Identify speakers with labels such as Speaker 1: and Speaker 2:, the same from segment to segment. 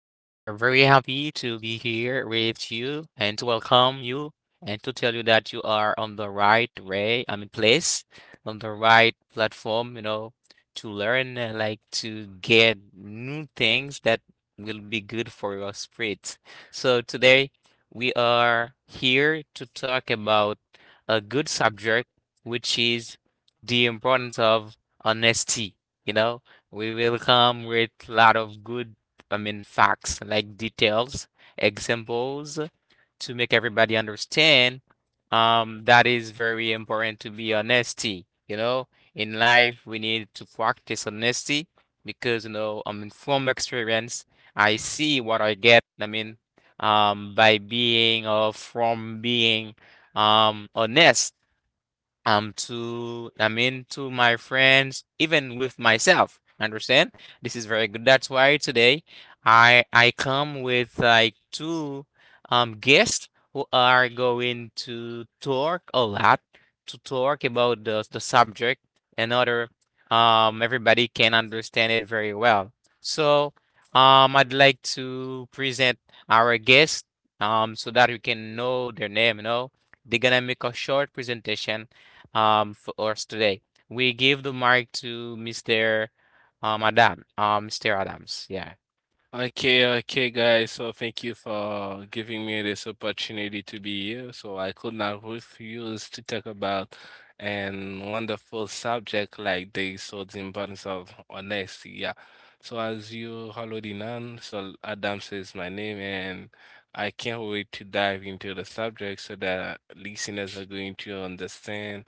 Speaker 1: to be here with you and to welcome you and to tell you that you are on the right way, I mean, place, on the right platform, to learn, like to get new things that will be good for your spirit. So, today we are here to talk about a good subject, which is the importance of honesty, you know we will come with a lot of good, I mean, facts, like details, examples to make everybody understand. That is very important to be honesty. You know, in life, we need to practice honesty because, I mean, from experience, I see what I get. I mean, by being or from being, honest, to, I mean, to my friends, even with myself. Understand? This is very good. That's why today I come with like two guests who are going to talk a lot, to talk about the subject, and other, everybody can understand it very well. So I'd like to present our guest, so that you can know their name. They're gonna make a short presentation for us today. We give the mic to Mr. Adam, Mr. Adams. Yeah.
Speaker 2: Okay, okay, guys. So thank you for giving me this opportunity to be here. So I could not refuse to talk about an wonderful subject like this. So the importance of honesty. Yeah. So as you already know, so Adam says my name, and I can't wait to dive into the subject so that listeners are going to understand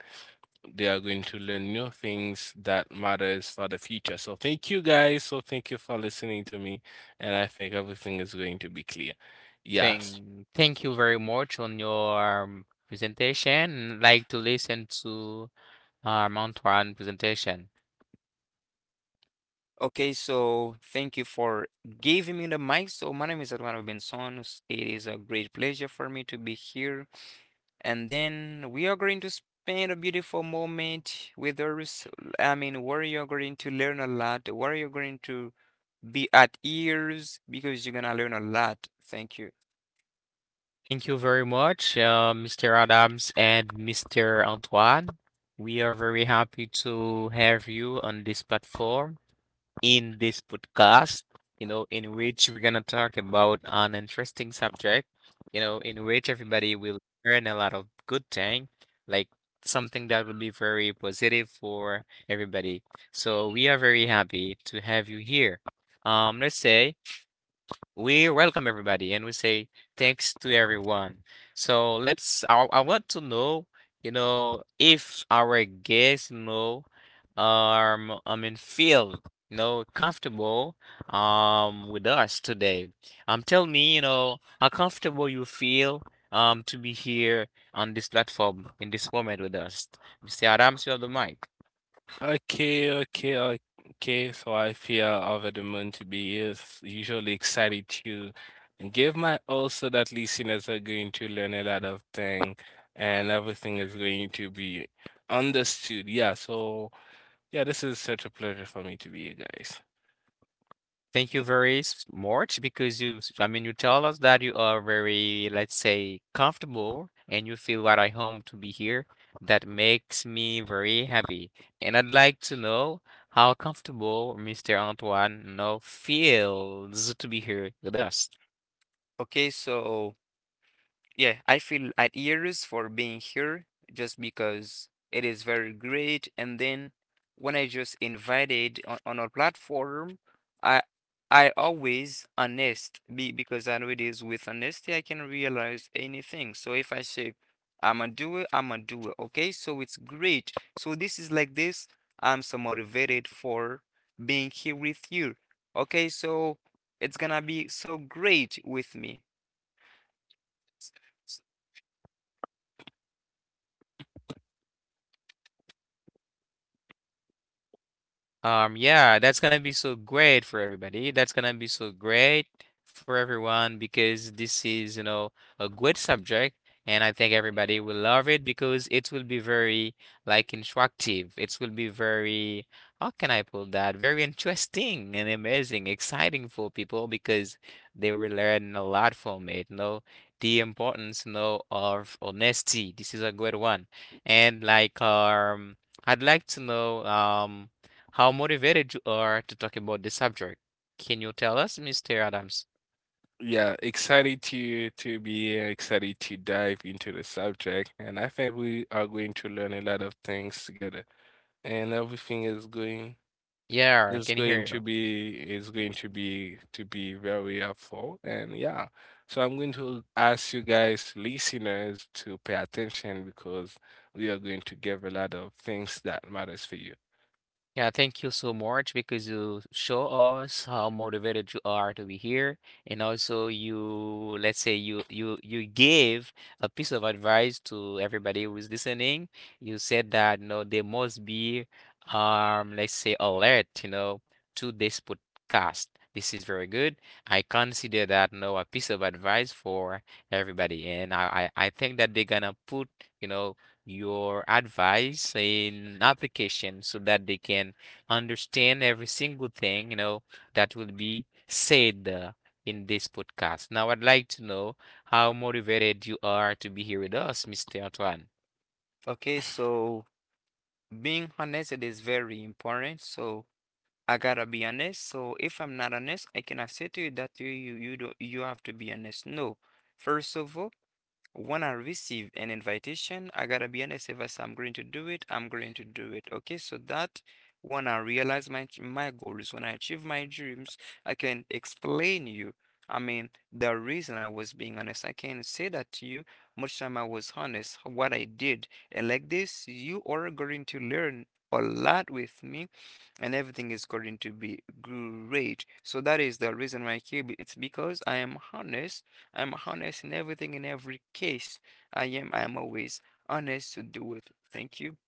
Speaker 2: they are going to learn new things that matters for the future. So thank you guys. So thank you for listening to me. And I think everything is going to be clear. Yes.
Speaker 1: Thank you very much on your presentation. Like to listen to uh, Antoine' presentation.
Speaker 3: Okay, so thank you for giving me the mic. So my name is Eduardo Bensonos. It is a great pleasure for me to be here. And then we are going to spend a beautiful moment with us. Where you're going to learn a lot, where you're going to be at ears because you're gonna learn a lot. Thank you.
Speaker 1: Thank you very much, Mr. Adams and Mr. Antoine. We are very happy to have you on this platform, in this podcast, in which we're gonna talk about an interesting subject, in which everybody will learn a lot of good thing, like something that will be very positive for everybody. So we are very happy to have you here. Let's say we welcome everybody and we say thanks to everyone. So I want to know, if our guests know, I mean, feel, comfortable, with us today. Tell me, how comfortable you feel, to be here on this platform in this moment with us. Mr. Adams, you have the mic.
Speaker 2: Okay, okay, okay. So I feel over the moon to be is usually excited to give my all so that listeners are going to learn a lot of things and everything is going to be understood. Yeah, so yeah, this is such a pleasure for me to be here, guys.
Speaker 1: Thank you very much because you, I mean, you tell us that you are very, let's say, comfortable and you feel right at home to be here. That makes me very happy. And I'd like to know how comfortable Mr. Antoine, feels to be here with us.
Speaker 3: Okay, so yeah, I feel at years for being here just because it is very great. And then when I just invited on our platform, I I always honest be, because I know it is with honesty I can realize anything. So if I say I'm a doer, I'm a doer. Okay, so it's great. So this is like this. I'm so motivated for being here with you. Okay, so it's gonna be so great with me. S-
Speaker 1: Yeah, that's gonna be so great for everybody. That's gonna be so great for everyone because this is, a good subject, and I think everybody will love it because it will be very, like, instructive. It will be very, how can I put that? Very interesting and amazing, exciting for people because they will learn a lot from it. The importance, of honesty. This is a good one, and like. I'd like to know how motivated you are to talk about the subject. Can you tell us, Mr. Adams?
Speaker 2: Yeah, excited to be here, excited to dive into the subject, and I think we are going to learn a lot of things together, and everything is going
Speaker 1: Yeah, I
Speaker 2: It's
Speaker 1: can hear
Speaker 2: going to
Speaker 1: you.
Speaker 2: be to be very helpful. And yeah, so I'm going to ask you guys, listeners, to pay attention because we are going to give a lot of things that matters for you.
Speaker 1: Yeah, thank you so much because you show us how motivated you are to be here, and also you, let's say, you gave a piece of advice to everybody who is listening. You said that, they must be, let's say, alert, to this podcast. This is very good. I consider that, a piece of advice for everybody, and I think that they're gonna put, you know your advice in application so that they can understand every single thing, that will be said, in this podcast. Now, I'd like to know how motivated you are to be here with us, Mr. Antoine.
Speaker 3: Okay, so being honest, it is very important. So I gotta be honest. So if I'm not honest, I cannot say to you that you do you have to be honest. No. First of all, when I receive an invitation, I gotta be honest, if I say I'm going to do it, I'm going to do it. Okay, so that when I realize my goals, when I achieve my dreams, I can explain you. I mean, the reason I was being honest, I can say that to you. Much time I was honest, what I did, and like this, you are going to learn a lot with me, and everything is going to be great. So that is the reason why I keep it. It's because I am honest. I'm honest in everything, in every case. I'm always honest to do it. Thank you.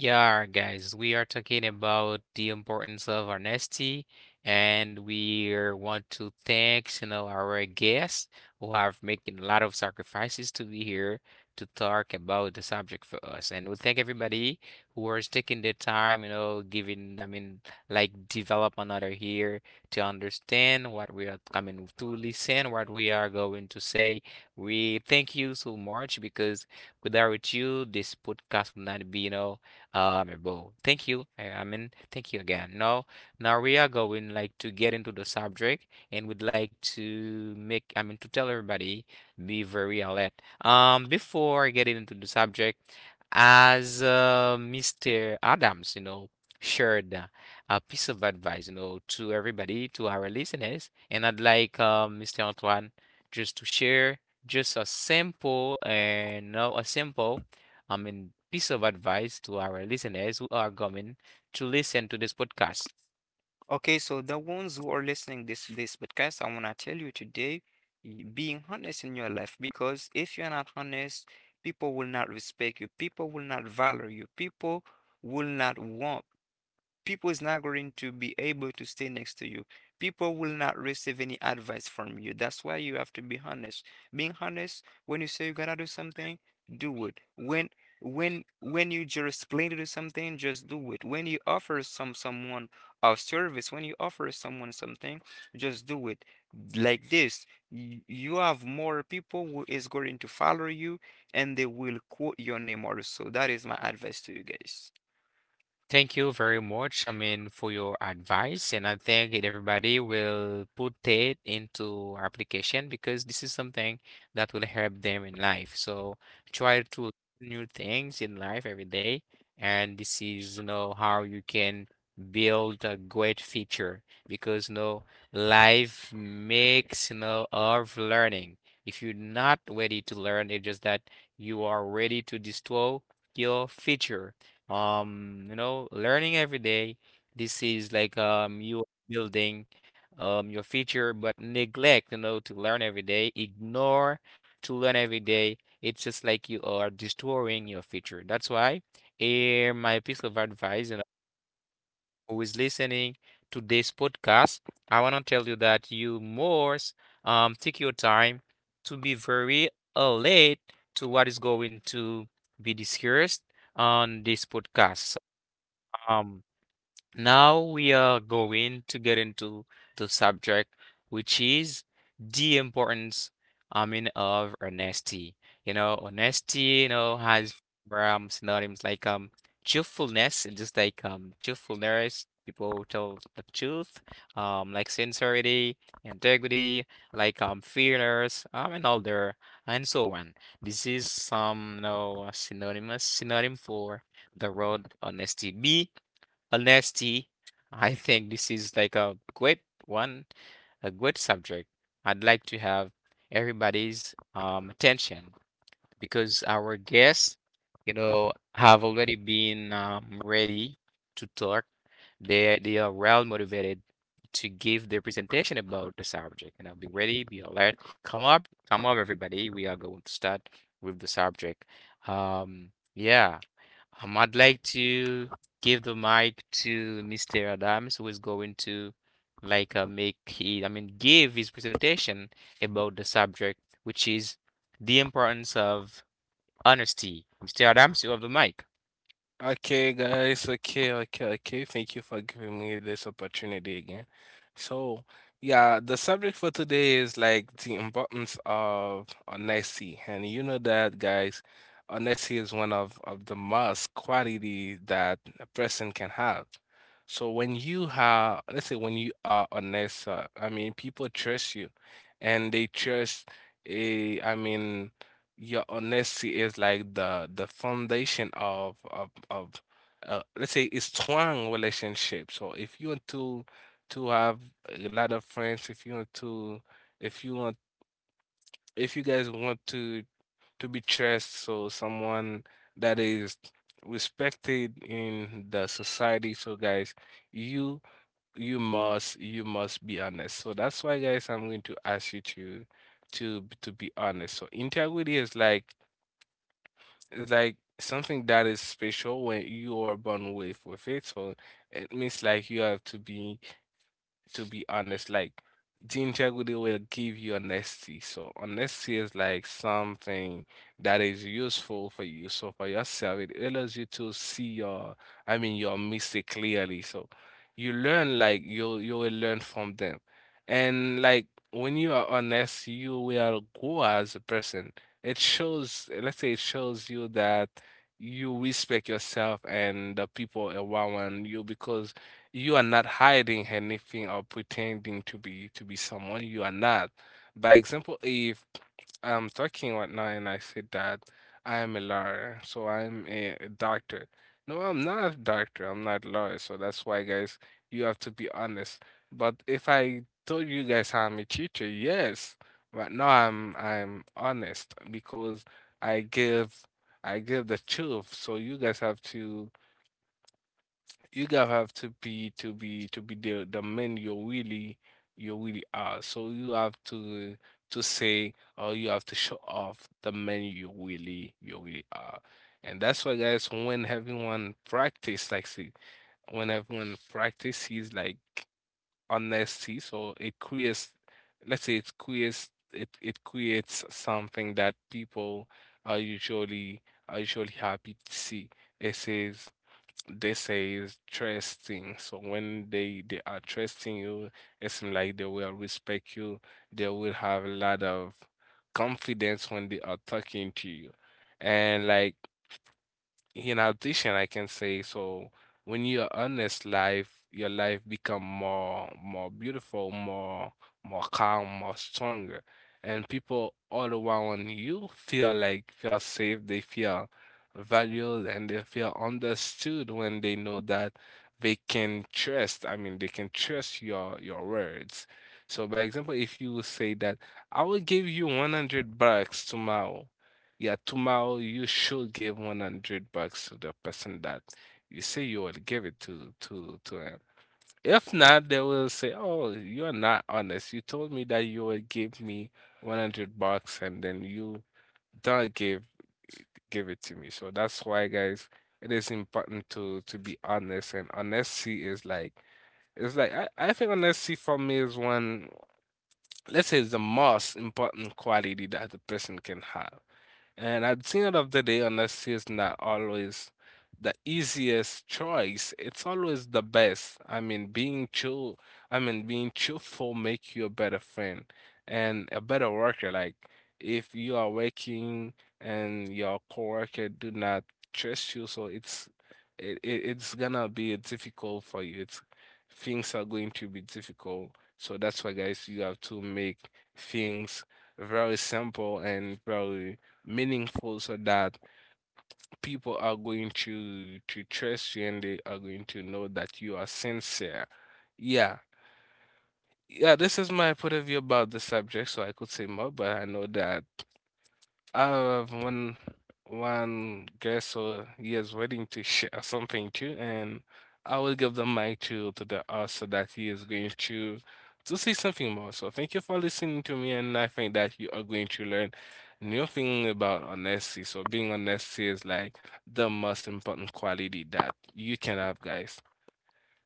Speaker 1: Yeah, guys, we are talking about the importance of honesty, and we are want to thank, our guests who have making a lot of sacrifices to be here to talk about the subject for us. And we thank everybody who is taking the time, giving, I mean, like develop another here to understand what we are coming to listen, what we are going to say. We thank you so much because without you, this podcast would not be, well, thank you. I mean, thank you again. Now we are going, like, to get into the subject, and we would like to make, I mean, to tell everybody, be very alert, before getting into the subject. As, Mr. Adams, shared, a piece of advice, to everybody, to our listeners, and I'd like, Mr. Antoine just to share, just a simple and no a simple, I mean, piece of advice to our listeners who are going to listen to this podcast.
Speaker 3: Okay, so the ones who are listening this podcast, I wanna tell you today, being honest in your life, because if you're not honest, people will not respect you, people will not value you, will not want people is not going to be able to stay next to you. People will not receive any advice from you. That's why you have to be honest. Being honest, when you say you gotta do something, do it. When when you just plan to do something, just do it. When you offer someone a service, when you offer someone something, just do it. Like this, you have more people who is going to follow you and they will quote your name also. That is my advice to you guys.
Speaker 1: Thank you very much, I mean, for your advice, and I think that everybody will put it into application because this is something that will help them in life. So try to learn new things in life every day, and this is, how you can build a great future, because, life makes, of learning. If you're not ready to learn, it's just that you are ready to destroy your future. Learning every day, this is like, you are building, your future, but neglect, to learn every day, ignore to learn every day, it's just like you are destroying your future. That's why, here, my piece of advice, and who is listening to this podcast, I want to tell you that you must, take your time to be very alert to what is going to be discussed on this podcast. um, Now we are going to get into the subject, which is the importance, I mean, of honesty. You know, honesty, has, synonyms like, truthfulness, and just like, truthfulness, people tell the truth, like sincerity, integrity, like, fairness, and all there, and so on. This is some, synonymous synonym for the word honesty. B Honesty. I think this is like a great one, a great subject. I'd like to have everybody's, attention because our guests, have already been, ready to talk. They are well motivated to give their presentation about the subject. Be ready, be alert. Come up, everybody. We are going to start with the subject. Um, yeah, I'd like to give the mic to Mr. Adams, who is going to, like, I mean, give his presentation about the subject, which is the importance of honesty. Mr. Adams, you have the mic.
Speaker 2: Okay, guys. Okay, okay, okay. Thank you for giving me this opportunity again. So, yeah, the subject for today is like the importance of honesty. And you know that, guys, honesty is one of the most quality that a person can have. So when you have, let's say when you are honest, I mean, people trust you and they trust a, I mean, your honesty is like the foundation of, let's say it's strong relationship. So if you want to have a lot of friends, if you want to if you want if you guys want to be trust, so someone that is respected in the society. So guys, you must you must be honest. So that's why guys I'm going to ask you to to be honest. So integrity is like something that is special when you are born with it, so it means like you have to be honest. Like the integrity will give you honesty. So honesty is like something that is useful for you. So for yourself, it allows you to see your, I mean, your mistake clearly. So you learn like you will learn from them, and like when you are honest, you will grow as a person. It shows, let's say, it shows you that you respect yourself and the people around you because you are not hiding anything or pretending to be someone you are not. By example, if I'm talking right now and I said that I am a lawyer, so I'm a doctor. No, I'm not a doctor. I'm not a lawyer. So that's why, guys, you have to be honest. But if I told you guys I'm a teacher, yes, right now I'm honest because I give I give the truth. So you guys have to you gotta have to be the man you really are. So you have to say or you have to show off the man you really are. And that's why guys when everyone practice like see when everyone practices like honesty, so it creates let's say it creates it creates something that people are usually happy to see. It says they say is trusting. So when they are trusting you, it seems like they will respect you. They will have a lot of confidence when they are talking to you, and like in addition, I can say so when you're honest, life your life become more beautiful, more calm, more stronger, and people all around you feel like feel safe, they feel valued, and they feel understood when they know that they can trust. I mean, they can trust your words. So, by example, if you say that I will give you 100 bucks tomorrow yeah, tomorrow you should give 100 bucks to the person that you say you will give it to him. If not, they will say, "Oh, you are not honest. You told me that you will give me 100 bucks and then you don't give it to me." So that's why, guys, it is important to be honest, and honesty is like it's like I think honesty for me is one, let's say, it's the most important quality that the person can have. And at the end of the day, honesty is not always the easiest choice. It's always the best. I mean, being true, I mean, being truthful make you a better friend and a better worker. Like if you are working and your coworker do not trust you, so it's it's gonna be difficult for you. It's things are going to be difficult. So that's why, guys, you have to make things very simple and very meaningful so that people are going to trust you, and they are going to know that you are sincere. Yeah. Yeah, this is my point of view about the subject, so I could say more, but I know that I have one guest or year's wedding to share something too, and I will give the mic to the host so that he is going to see something more. So thank you for listening to me, and I think that you are going to learn new thing about honesty. So being honest is like the most important quality that you can have, guys.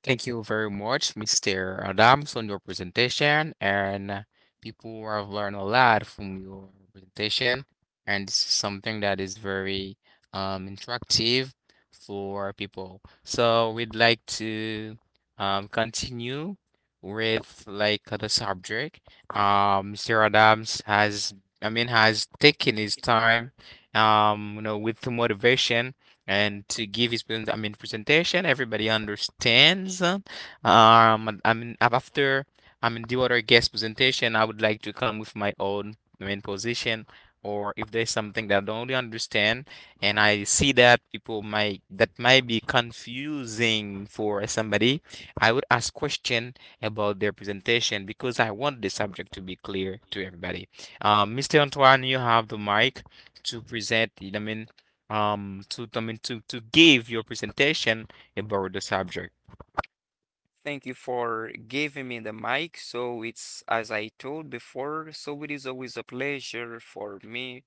Speaker 1: Thank you very much, Mr. Adams, on your presentation. And, people have learned a lot from your presentation. And this is something that is very, interactive for people. So we'd like to, continue with, like, the subject. Mr. Adams has, I mean, has taken his time, with the motivation, and to give his, I mean, presentation. Everybody understands. I mean, after, the other guest presentation, I would like to come with my own main position. Or if there's something that I don't really understand, and I see that, people might that might be confusing for somebody, I would ask question about their presentation because I want the subject to be clear to everybody. Mr. Antoine, you have the mic to present, I mean, to give your presentation about the subject.
Speaker 3: Thank you for giving me the mic. So it's as I told before, so it is always a pleasure for me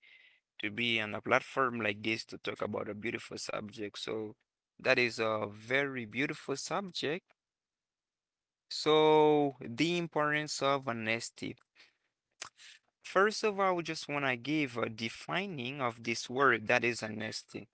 Speaker 3: to be on a platform like this to talk about a beautiful subject. So that is a very beautiful subject. So the importance of honesty. First of all, I just want to give a defining of this word that is honesty.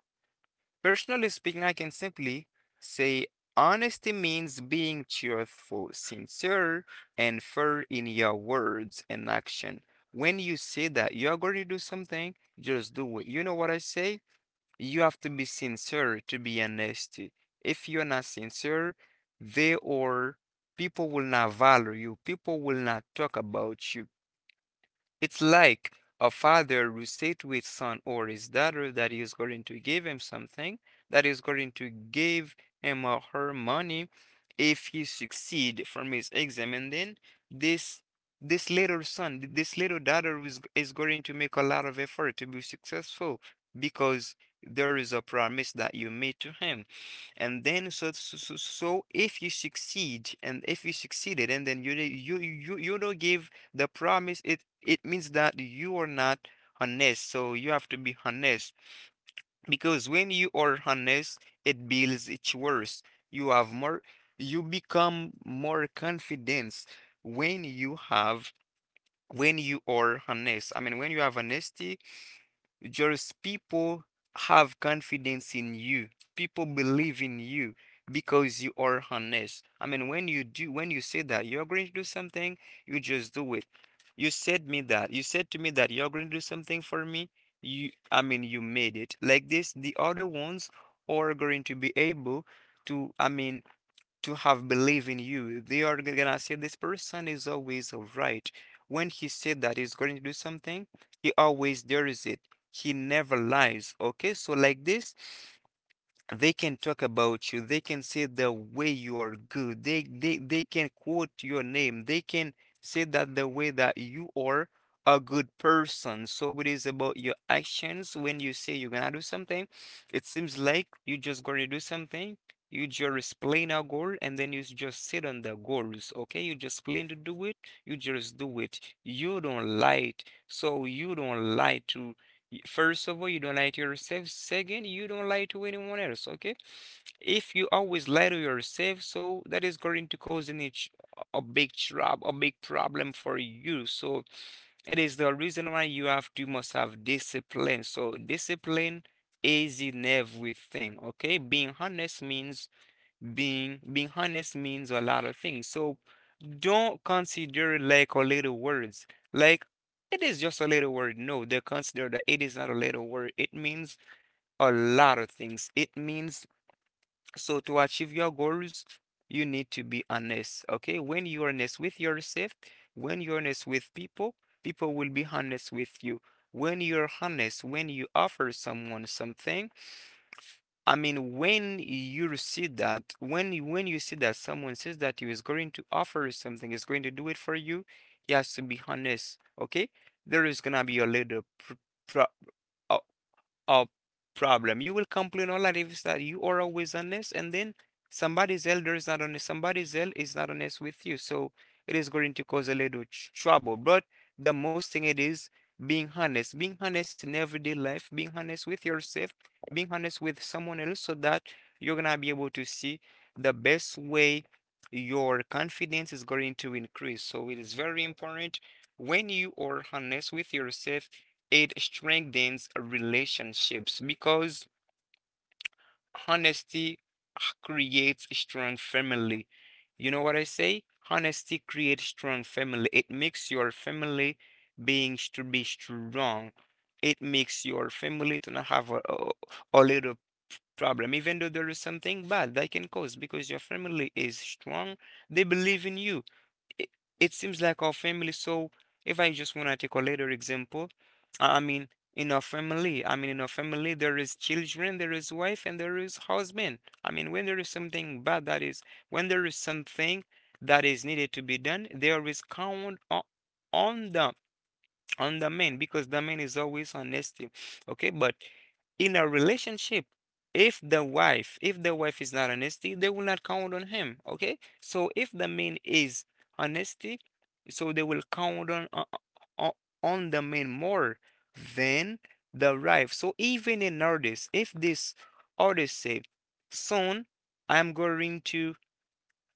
Speaker 3: Personally speaking, I can simply say honesty means being truthful, sincere, and fair in your words and action. When you say that you're going to do something, just do it. You know what I say? You have to be sincere to be honest. If you're not sincere, they or people will not value you. People will not talk about you. It's like a father who said to his son or his daughter that he is going to give him something, that he is going to give him or her money if he succeed from his exam. And then this this little son, this little daughter is going to make a lot of effort to be successful because there is a promise that you made to him, and then so if you succeed and if you succeeded and then you don't give the promise, it means that you are not honest, so you have to be honest because when you are honest, it builds its worth. You have more, you become more confidence when you have when you are honest. I mean, when you have honesty, just people have confidence in you. People believe in you because you are honest. I mean, when you do, when you say that you're going to do something, you just do it. You said me that. You said to me that you're going to do something for me. You, I mean, you made it. Like this, the other ones are going to be able to, I mean, to have belief in you. They are gonna say this person is always right. When he said that he's going to do something, he always does it. He never lies. Okay, so like this, they can talk about you. They can say the way you are good. They can quote your name. They can say that the way that you are a good person. So it is about your actions. When you say you're gonna do something, it seems like you just gonna do something. You just plan a goal and then you just sit on the goals. Okay, you just plan to do it. You just do it. You don't lie. So you don't lie to First of all, you don't lie to yourself. Second, you don't lie to anyone else, okay? If you always lie to yourself, so that is going to cause a big trouble, a big problem for you. So it is the reason why you have to must have discipline. So discipline is in everything, okay? Being honest means being honest means a lot of things. So don't consider like a little words. Like it is just a little word. No, they consider that it is not a little word. It means a lot of things. It means so to achieve your goals, you need to be honest. Okay, when you are honest with yourself, when you're honest with people, people will be honest with you. When you're honest, when you offer someone something, I mean, when you receive that, when you see that someone says that he is going to offer you something, is going to do it for you, he has to be honest. Okay, there is gonna be a little pr- pro- a a problem. You will complain all life is that you are always honest, and then somebody's elder is not honest, somebody's elder is not honest with you. So it is going to cause a little trouble. But the most thing it is being honest in everyday life, being honest with yourself, being honest with someone else, so that you're gonna be able to see the best way your confidence is going to increase. So it is very important when you are honest with yourself it strengthens relationships because honesty creates strong family. You know what I say? Honesty creates strong family. It makes your family being to be strong. It makes your family to not have a little problem, even though there is something bad that can cause because your family is strong. They believe in you it, it seems like our family. So if I just want to take a later example, I mean, in our family, I mean, in our family, there is children, there is wife, and there is husband. I mean, when there is something bad, that is, when there is something that is needed to be done, there is count on the on the man because the man is always honesty. Okay, but in a relationship if the wife is not honesty they will not count on him, okay, so if the man is honesty so they will count on o- on the man more than the wife. So even an artist, if this artist say soon i'm going to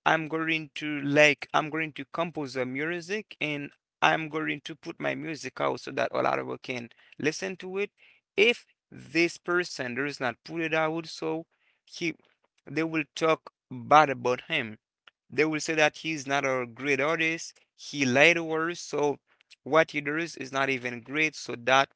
Speaker 3: I'm going to like I'm going to compose the music and I'm going to put my music out so that a lot of people can listen to it. If this person does not put it out, so he they will talk bad about him. They will say that he's not a great artist, he lied to us, so what he does is not even great, so that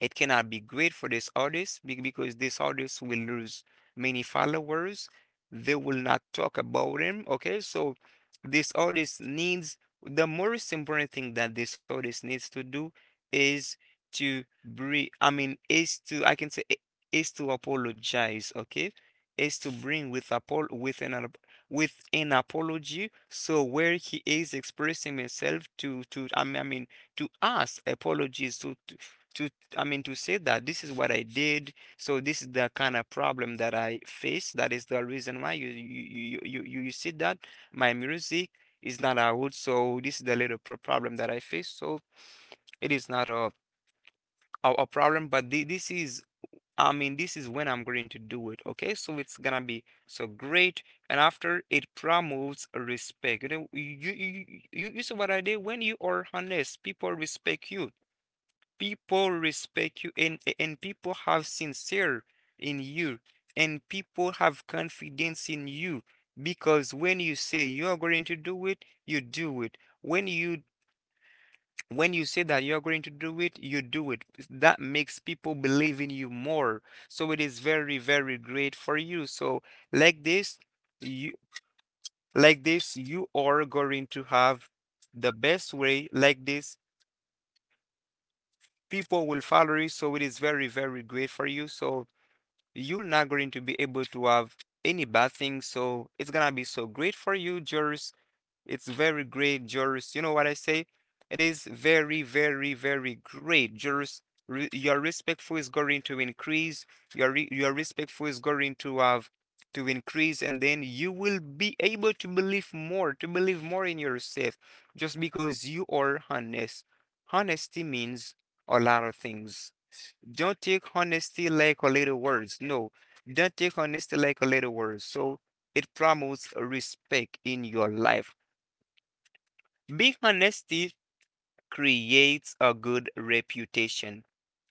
Speaker 3: it cannot be great for this artist because this artist will lose many followers. They will not talk about him. Okay, so this artist needs the most important thing that this artist needs to do is to bring, I mean, is to, I can say, is to apologize. Okay, is to bring with an apology. So where he is expressing himself to I mean to ask apologies to I mean, to say that this is what I did, so this is the kind of problem that I face. That is the reason why see that my music is not out. So this is the little problem that I face. So it is not a problem, but this is. I mean, this is when I'm going to do it. Okay, so it's gonna be so great, and after it promotes respect. You know, you see what I did? When you are honest, people respect you and people have sincere in you and people have confidence in you because when you say you're going to do it you do it when you say that you're going to do it you do it. That makes people believe in you more, so it is very, very great for you. So like this, you, like this, you are going to have the best way. Like this, people will follow you, so it is very, very great for you. So you're not going to be able to have any bad thing. So it's gonna be so great for you, Joris. It's very great, Joris. You know what I say? It is very, very, very great, Joris. Your respectful is going to increase. Your respectful is going to have to increase, and then you will be able to believe more in yourself, just because you are honest. Honesty means a lot of things. Don't take honesty like a little words. No, don't take honesty like a little words. So it promotes respect in your life. Being honest creates a good reputation.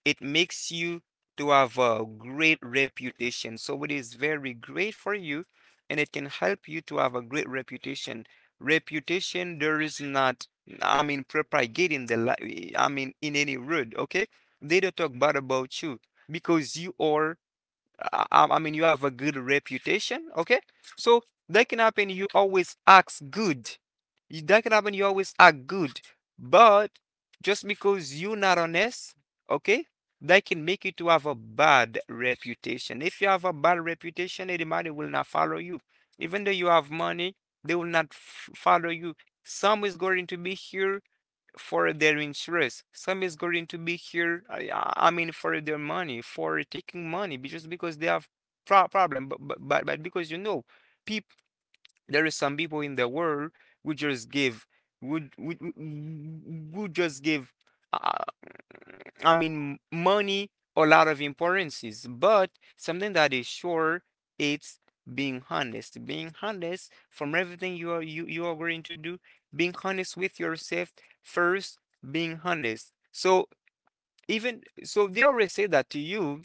Speaker 3: It makes you to have a great reputation. So it is very great for you and it can help you to have a great reputation. Reputation there is not, I mean propagating the I mean in any road, okay? They don't talk bad about you because you are, I mean, you have a good reputation, okay? So that can happen. You always act good. That can happen. You always act good, but just because you're not honest, okay, that can make you to have a bad reputation. If you have a bad reputation, anybody will not follow you. Even though you have money, they will not follow you. Some is going to be here for their interest. Some is going to be here, I mean, for their money, for taking money, just because they have problem. But because you know, people, there is some people in the world who just give, would just give. uh, I mean, money a lot of importances, but something that is sure, it's being honest. Being honest from everything you are, you are going to do, being honest with yourself first, being honest. So even so they always say that to you.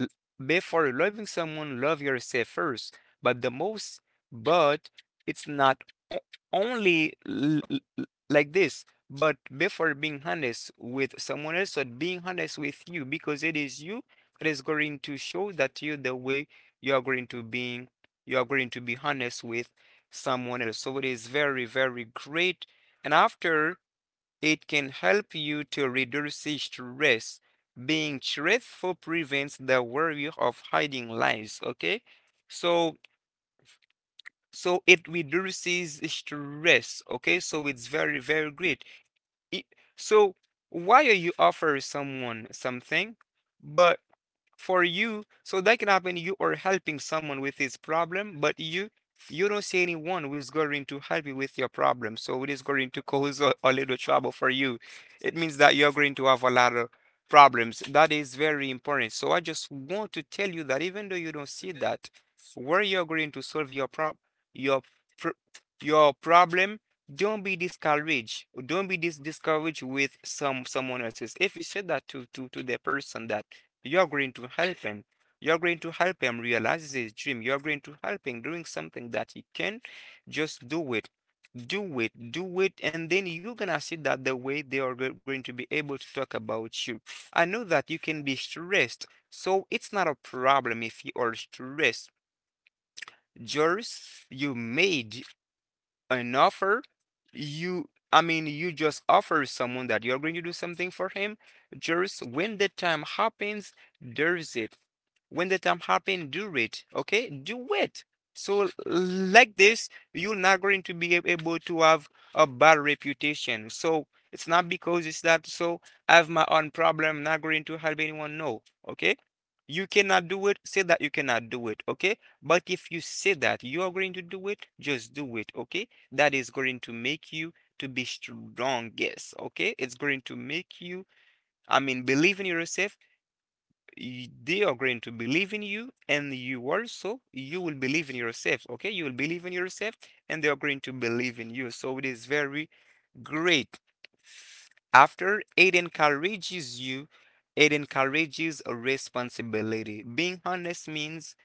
Speaker 3: L- Before loving someone, love yourself first. But the most, but it's not, o- only like this. But before being honest with someone else, or being honest with you, because it is you that is going to show that you the way you are going to being, you are going to be honest with someone else. So it is very, very great. And after, it can help you to reduce stress. Being truthful prevents the worry of hiding lies, okay? So so it reduces stress, okay? So it's very, very great. It, so why are you offer someone something, but for you so that can happen. You are helping someone with his problem but you don't see anyone who is going to help you with your problem. So it is going to cause a little trouble for you. It means that you're going to have a lot of problems. That is very important. So I just want to tell you that even though you don't see that where you're going to solve your pro, your pro- your problem, don't be discouraged. Don't be discouraged with some someone else's. If you say that to the person that you're going to help him. You're going to help him realize his dream. You're going to help him doing something that he can. Just do it. Do it. Do it. And then you're gonna see that the way they are going to be able to talk about you. I know that you can be stressed. So it's not a problem if you are stressed. Joris, you made an offer, you, I mean, you just offer someone that you're going to do something for him. Just when the time happens, there's it. When the time happens, do it. Okay, do it. So like this, you're not going to be able to have a bad reputation. So it's not because it's that. So I have my own problem. Not going to help anyone. No. Okay. You cannot do it. Say that you cannot do it. Okay. But if you say that you are going to do it, just do it, okay? That is going to make you to be strongest. Okay, it's going to make you, I mean, believe in yourself. They are going to believe in you, and you also you will believe in yourself. Okay, you will believe in yourself and they are going to believe in you, so it is very great. After, it encourages you, it encourages responsibility. Being honest means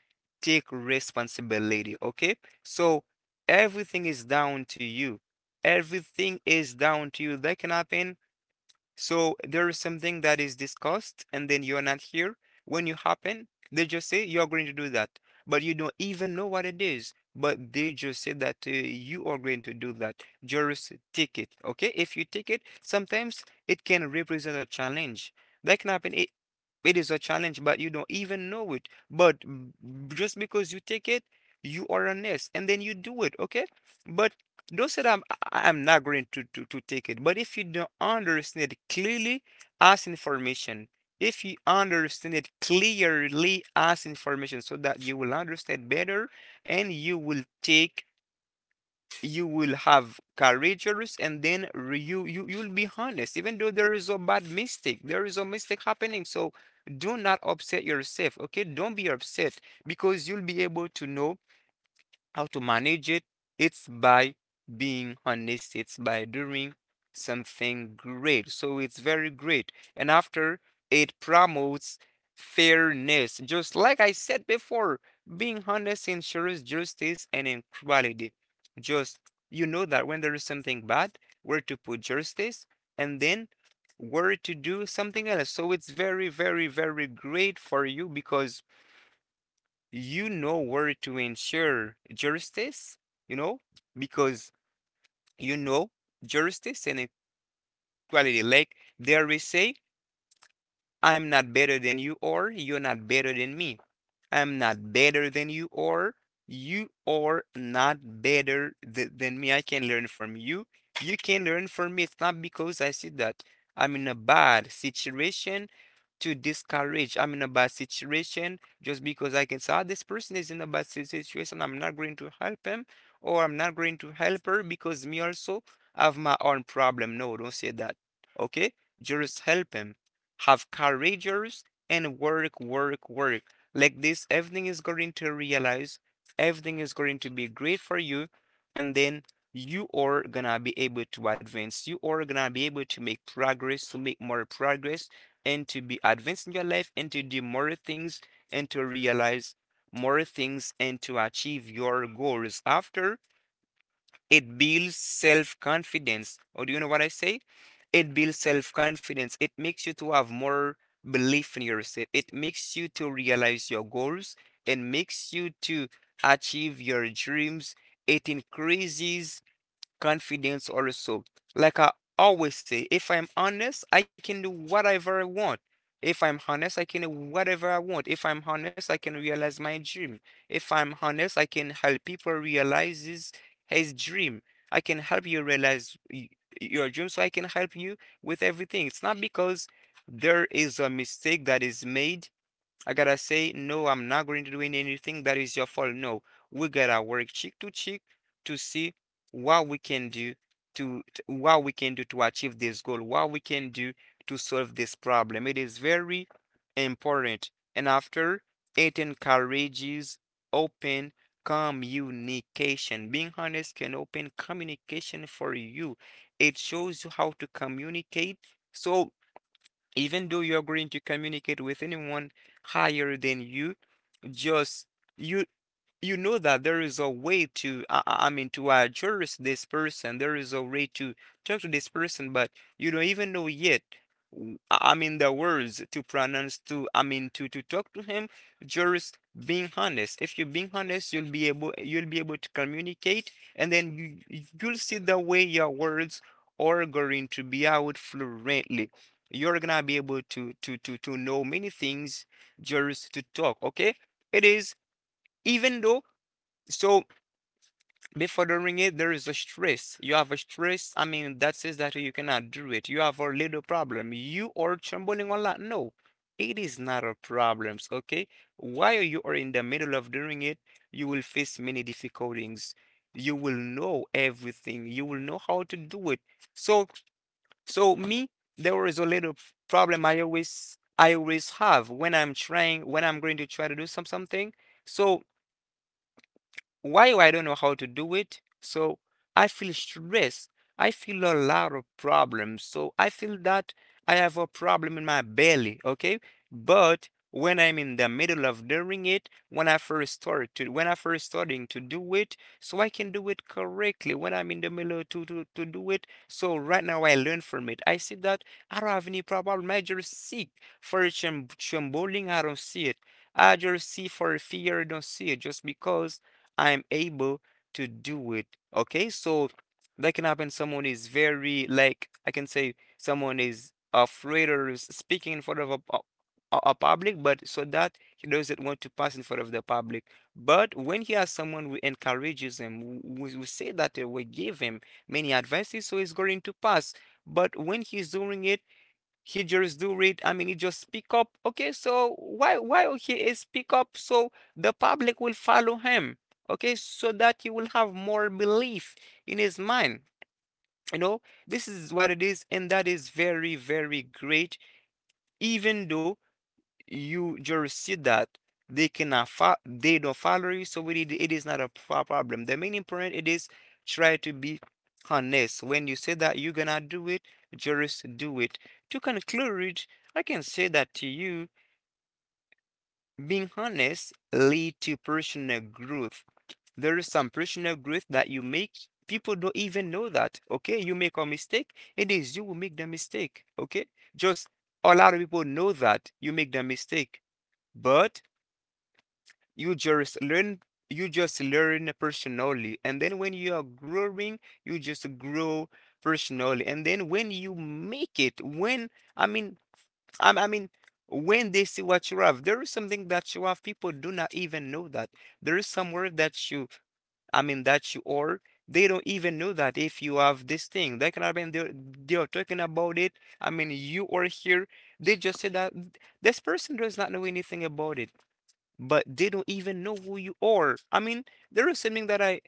Speaker 3: take responsibility, okay? So everything is down to you. Everything is down to you. That can happen. So there is something that is discussed, and then you're not here. When you happen, they just say you are going to do that, but you don't even know what it is. But they just say that you are going to do that. Just take it, okay? If you take it, sometimes it can represent a challenge. That can happen. It is a challenge, but you don't even know it. But just because you take it, you are honest, and then you do it, okay? But don't say that I'm, I'm not going to take it. But if you don't understand it clearly as information, if you understand it clearly as information so that you will understand better and you will take, you will have courageous, and then you'll be honest, even though there is a bad mistake, there is a mistake happening. So do not upset yourself, okay? Don't be upset, because you'll be able to know how to manage it. It's by being honest, it's by doing something great. So it's very great. And after, it promotes fairness. Just like I said before, being honest ensures justice and equality. Just you know that when there is something bad, where to put justice and then where to do something else. So it's very, very, very great for you because you know where to ensure justice, you know, because you know justice and equality. Like there we say, I'm not better than you or you're not better than me. I'm not better than you or you are not better than me. I can learn from you. You can learn from me. It's not because I see that I'm in a bad situation to discourage. I'm in a bad situation just because I can say, ah, this person is in a bad situation. I'm not going to help him or I'm not going to help her because me also have my own problem. No, don't say that. Okay? Just help him. Have courageous and work, work, work. Like this, everything is going to realize, everything is going to be great for you. And then you are gonna be able to advance, you are gonna be able to make progress, to make more progress and to be advanced in your life and to do more things and to realize more things and to achieve your goals. After, it builds self confidence. Or do you know what I say? It builds self confidence. It makes you to have more belief in yourself. It makes you to realize your goals. It makes you to achieve your dreams. It increases confidence also. Like I always say, if I'm honest, I can do whatever I want. If I'm honest, I can do whatever I want. If I'm honest, I can realize my dream. If I'm honest, I can help people realize his dream. I can help you realize your dream, so I can help you with everything. It's not because there is a mistake that is made I gotta say, no, I'm not going to do anything that is your fault. No, we gotta work cheek to cheek to see what we can do what we can do to achieve this goal, what we can do to solve this problem. It is very important. And after, it encourages open communication. Being honest can open communication for you. It shows you how to communicate. So even though you're going to communicate with anyone higher than you, just you you know that there is a way to I mean to address this person. There is a way to talk to this person, but you don't even know yet. I mean the words to pronounce to I mean to talk to him. Just being honest. If you're being honest, you'll be able to communicate, and then you'll see the way your words are going to be out fluently. You're gonna be able to know many things just to talk. Okay. It is, even though, so before doing it, there is a stress. You have a stress. I mean, that says that you cannot do it. You have a little problem. You are trembling a lot. No, it is not a problem. Okay. While you are in the middle of doing it, you will face many difficulties. You will know everything. You will know how to do it. So, so me, there is a little problem I always have when I'm trying, when I'm going to try to do something. So why I don't know how to do it, so I feel stress. I feel a lot of problems. So I feel that I have a problem in my belly, okay? But when I'm in the middle of doing it, when I first starting to do it, so I can do it correctly when I'm in the middle to do it. So right now I learn from it. I see that I don't have any problem. I just seek for trembling, I don't see it. I just see for fear, I don't see it just because I'm able to do it. Okay, so that can happen. Someone is very, like I can say someone is afraid or is speaking in front of a public, but so that he doesn't want to pass in front of the public. But when he has someone who encourages him, we say that we give him many advances, so he's going to pass. But when he's doing it, he just do read I mean he just speak up. Okay, so why he is speak up, so the public will follow him. Okay, so that you will have more belief in his mind, you know. This is what it is, and that is very great. Even though you just see that they cannot fo- they don't follow you, so it is not a problem. The main important, it is try to be honest. When you say that you're gonna do it, just do it. To conclude, I can say that to you being honest lead to personal growth. There is some personal growth that you make. People don't even know that. Okay, you make a mistake. It is you who make the mistake, okay? Just a lot of people know that you make the mistake, but you just learn. You just learn personally, and then when you are growing, you just grow personally. And then when you make it, when i mean I mean when they see what you have, there is something that you have people do not even know that. There is somewhere that you, that you are, they don't even know that. If you have this thing that can happen, they're talking about it. I mean, you are here. They just say that this person does not know anything about it, but they don't even know who you are. I mean, there is something that I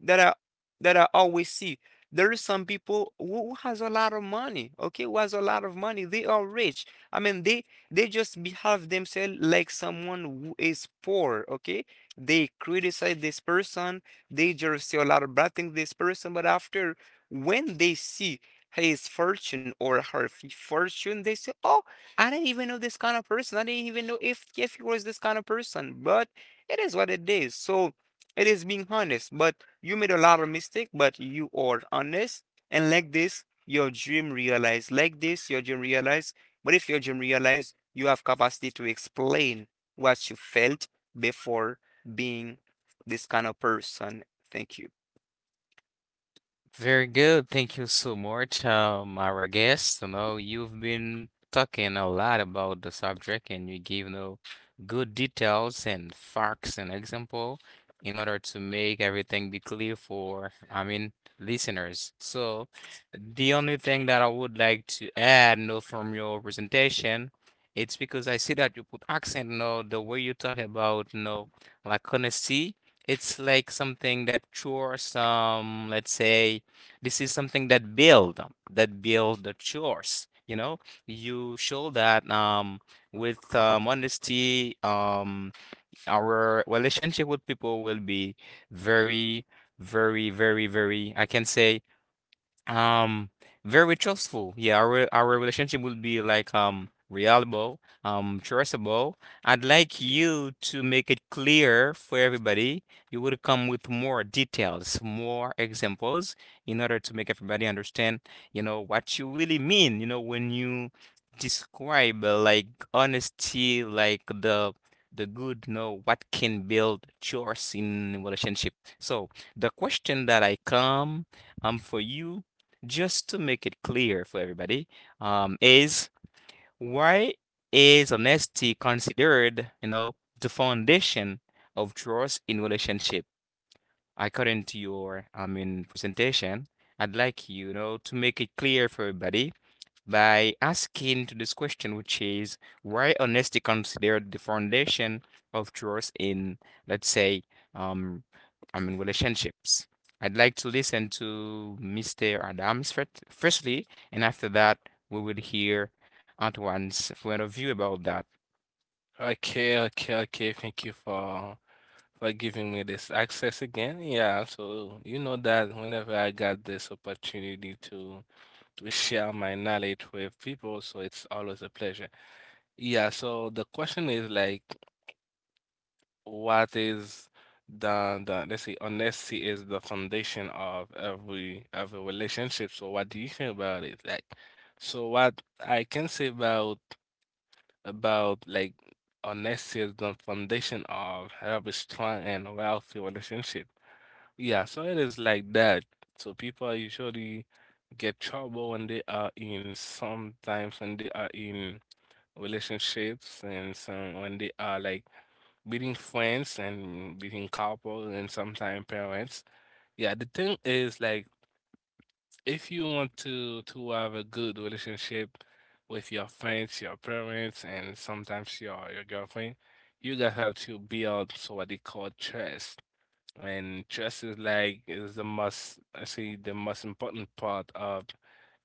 Speaker 3: that I that I always see. There is some people who has a lot of money, okay, who has a lot of money. They are rich. I mean, they just behave themselves like someone who is poor, okay? They criticize this person, they just say a lot of bad things this person, but after, when they see his fortune or her fortune, they say, "Oh, I didn't even know this kind of person. I didn't even know if he was this kind of person." But it is what it is. So it is being honest. But you made a lot of mistake, but you are honest, and like this, your dream realized. Like this, your dream realized. But if your dream realized, you have capacity to explain what you felt before being this kind of person. Thank you.
Speaker 1: Very good. Thank you so much, our guest. You know, you've been talking a lot about the subject and you give, good details and facts and example in order to make everything be clear for, I mean, listeners. So the only thing that I would like to add, from your presentation, it's because I see that you put accent, the way you talk about, like, honesty. It's like something that shows some, let's say, this is something that build up, that build the chores. You know, you show that, with, honesty, our relationship with people will be very, very, very, very, I can say, um, very trustful. Yeah, our our relationship will be like, reliable, trustable. I'd like you to make it clear for everybody. You would come with more details, more examples in order to make everybody understand, what you really mean, when you describe, like, honesty, like the good, what can build trust in relationship. So the question that I come, for you just to make it clear for everybody, is, why is honesty considered, the foundation of trust in relationship? According to your, presentation, I'd like you, to make it clear for everybody by asking to this question, which is why honesty considered the foundation of trust in, let's say, um, relationships. I'd like to listen to Mr. Adams firstly, and after that, we will hear Antoine's point of view about that.
Speaker 2: Okay, okay, okay. Thank you for giving me this access again. Yeah, absolutely. You know that whenever I got this opportunity to share my knowledge with people, so it's always a pleasure. Yeah, so the question is like what is the let's say honesty is the foundation of every relationship. So what do you think about it? Like so what I can say about like honesty is the foundation of every strong and wealthy relationship. Yeah, so it is like that. So people usually get trouble when they are in sometimes when they are in relationships and some when they are like beating friends and beating couples and sometimes parents. Yeah, the thing is like if you want to have a good relationship with your friends, your parents, and sometimes your girlfriend, you guys have to build so what they call trust. And trust is like is the most I say the most important part of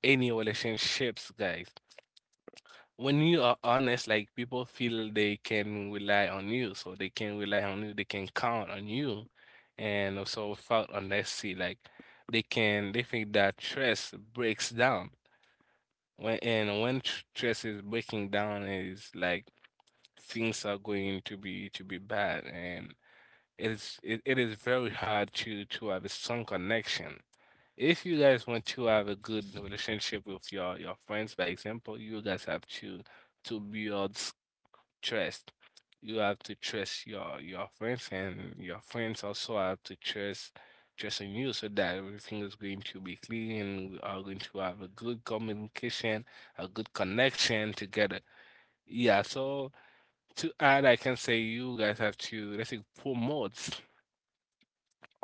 Speaker 2: any relationships, guys. When you are honest, like people feel they can rely on you, so they can rely on you, they can count on you, and also without honesty, like they can they think that trust breaks down. When and when trust is breaking down, is like things are going to be bad, and it is it is very hard to have a strong connection. If you guys want to have a good relationship with your friends, by example, you guys have to to build s- trust. You have to trust your friends, and your friends also have to trust in you, so that everything is going to be clean, and we are going to have a good communication, a good connection together. Yeah. So to add, I can say you guys have to let's say promote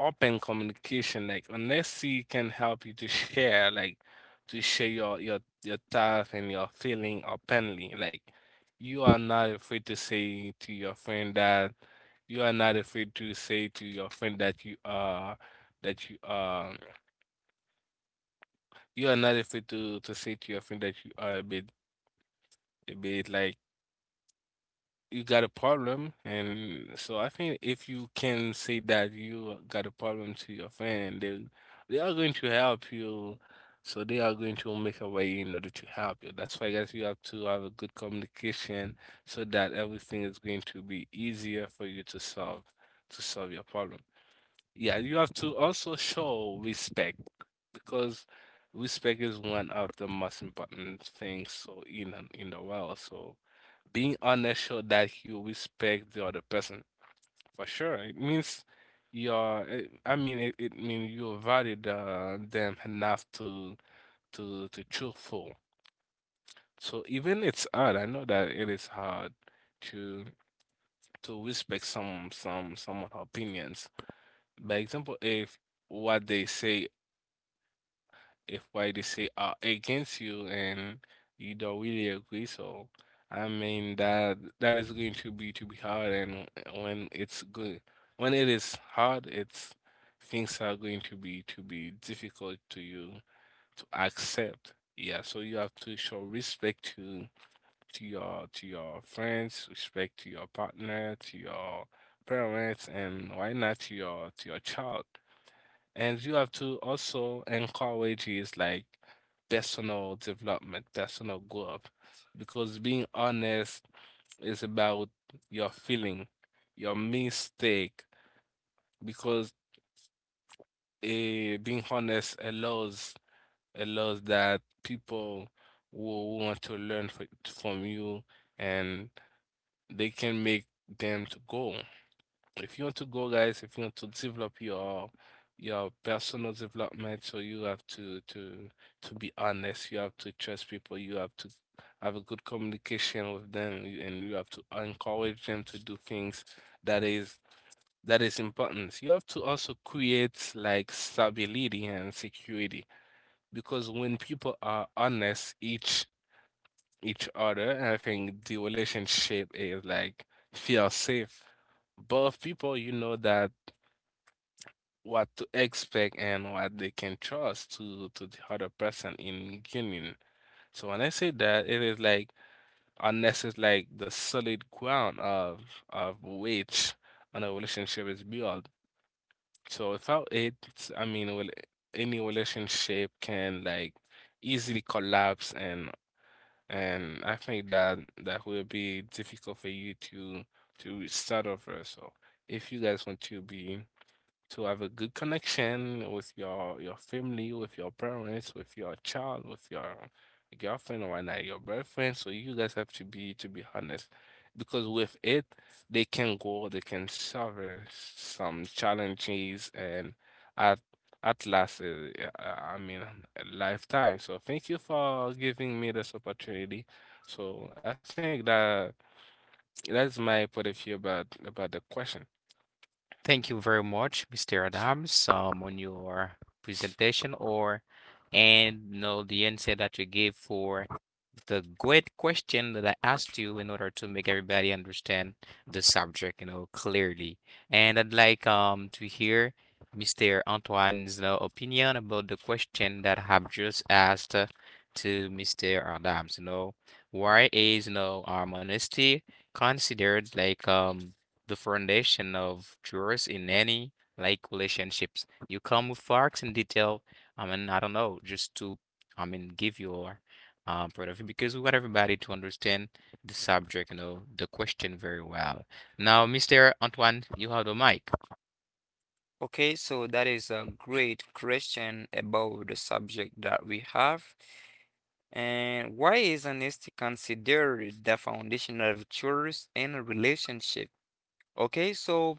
Speaker 2: open communication like unless he can help you to share like to share your thoughts and your feeling openly like you are not afraid to say to your friend that you are not afraid to say to your friend that you are not afraid to say to your friend that you are a bit like you got a problem, and so I think if you can say that you got a problem to your friend, and they are going to help you. So they are going to make a way in order to help you. That's why guys, you have to have a good communication so that everything is going to be easier for you to solve your problem. Yeah, you have to also show respect because respect is one of the most important things so in the world. So being honest show that you respect the other person for sure. It means you're. It, I mean, it means you value the, them enough to to truthful. So even it's hard. I know that it is hard to to respect some someone opinions. By example, if what they say are against you and you don't really agree. So I mean that that is going to be hard, and when it's good, when it is hard, it's things are going to be difficult to you to accept. Yeah, so you have to show respect to to your friends, respect to your partner, to your parents, and why not to your to your child. And you have to also encourage is like personal development, personal growth, because being honest is about your feeling, your mistake, because being honest allows that people will want to learn from you and they can make them to go. If you want to go, guys, if you want to develop your personal development, so you have to be honest, you have to trust people, you have to have a good communication with them, and you have to encourage them to do things that is that is important. You have to also create like stability and security because when people are honest each other, I think the relationship is like feel safe, both people you know that what to expect and what they can trust to the other person in union. So when I say that, it is like unless it's like the solid ground of which on a relationship is built. So without it, I mean, well, any relationship can like easily collapse, and I think that that will be difficult for you to start over. So if you guys want to be to have a good connection with your family, with your parents, with your child, with your girlfriend or not your boyfriend. So you guys have to be honest, because with it they can go, they can solve some challenges and at at last, I mean, a lifetime. So thank you for giving me this opportunity. So I think that that's my point of view about the question.
Speaker 1: Thank you very much, Mr. Adams, on your presentation or and you know the answer that you gave for the great question that I asked you in order to make everybody understand the subject, clearly. And I'd like to hear Mr. Antoine's you opinion about the question that I have just asked to Mr. Adams, why is honesty considered like the foundation of trust in any like relationships? You come with facts and detail. I mean, I don't know, just to I mean give your production because we want everybody to understand the subject, the question very well. Now, Mr. Antoine, you have the mic.
Speaker 3: Okay, so that is a great question about the subject that we have. And why is honesty considered the foundation of trust in a relationship? Okay, so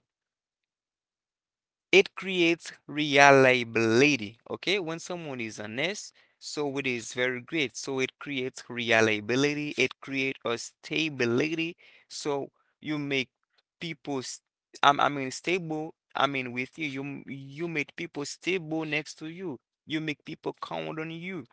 Speaker 3: it creates reliability. Okay, when someone is honest, so it is very great. So it creates reliability, it creates a stability. So you make people s- I mean stable, with you. You make people stable next to you. You make people count on you.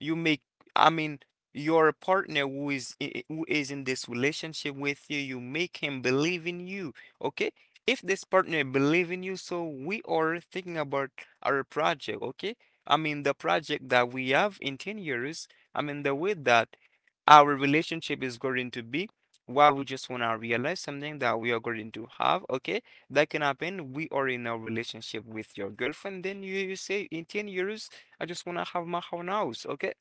Speaker 3: You make, I mean, your partner who is in this relationship with you, you make him believe in you. Okay, if this partner believe in you, so we are thinking about our project. Okay, I mean the project that we have in 10 years, I mean the way that our relationship is going to be. Why we just want to realize something that we are going to have. Okay, that can happen. We are in a relationship with your girlfriend, then you say in €10, I just want to have my own house, okay?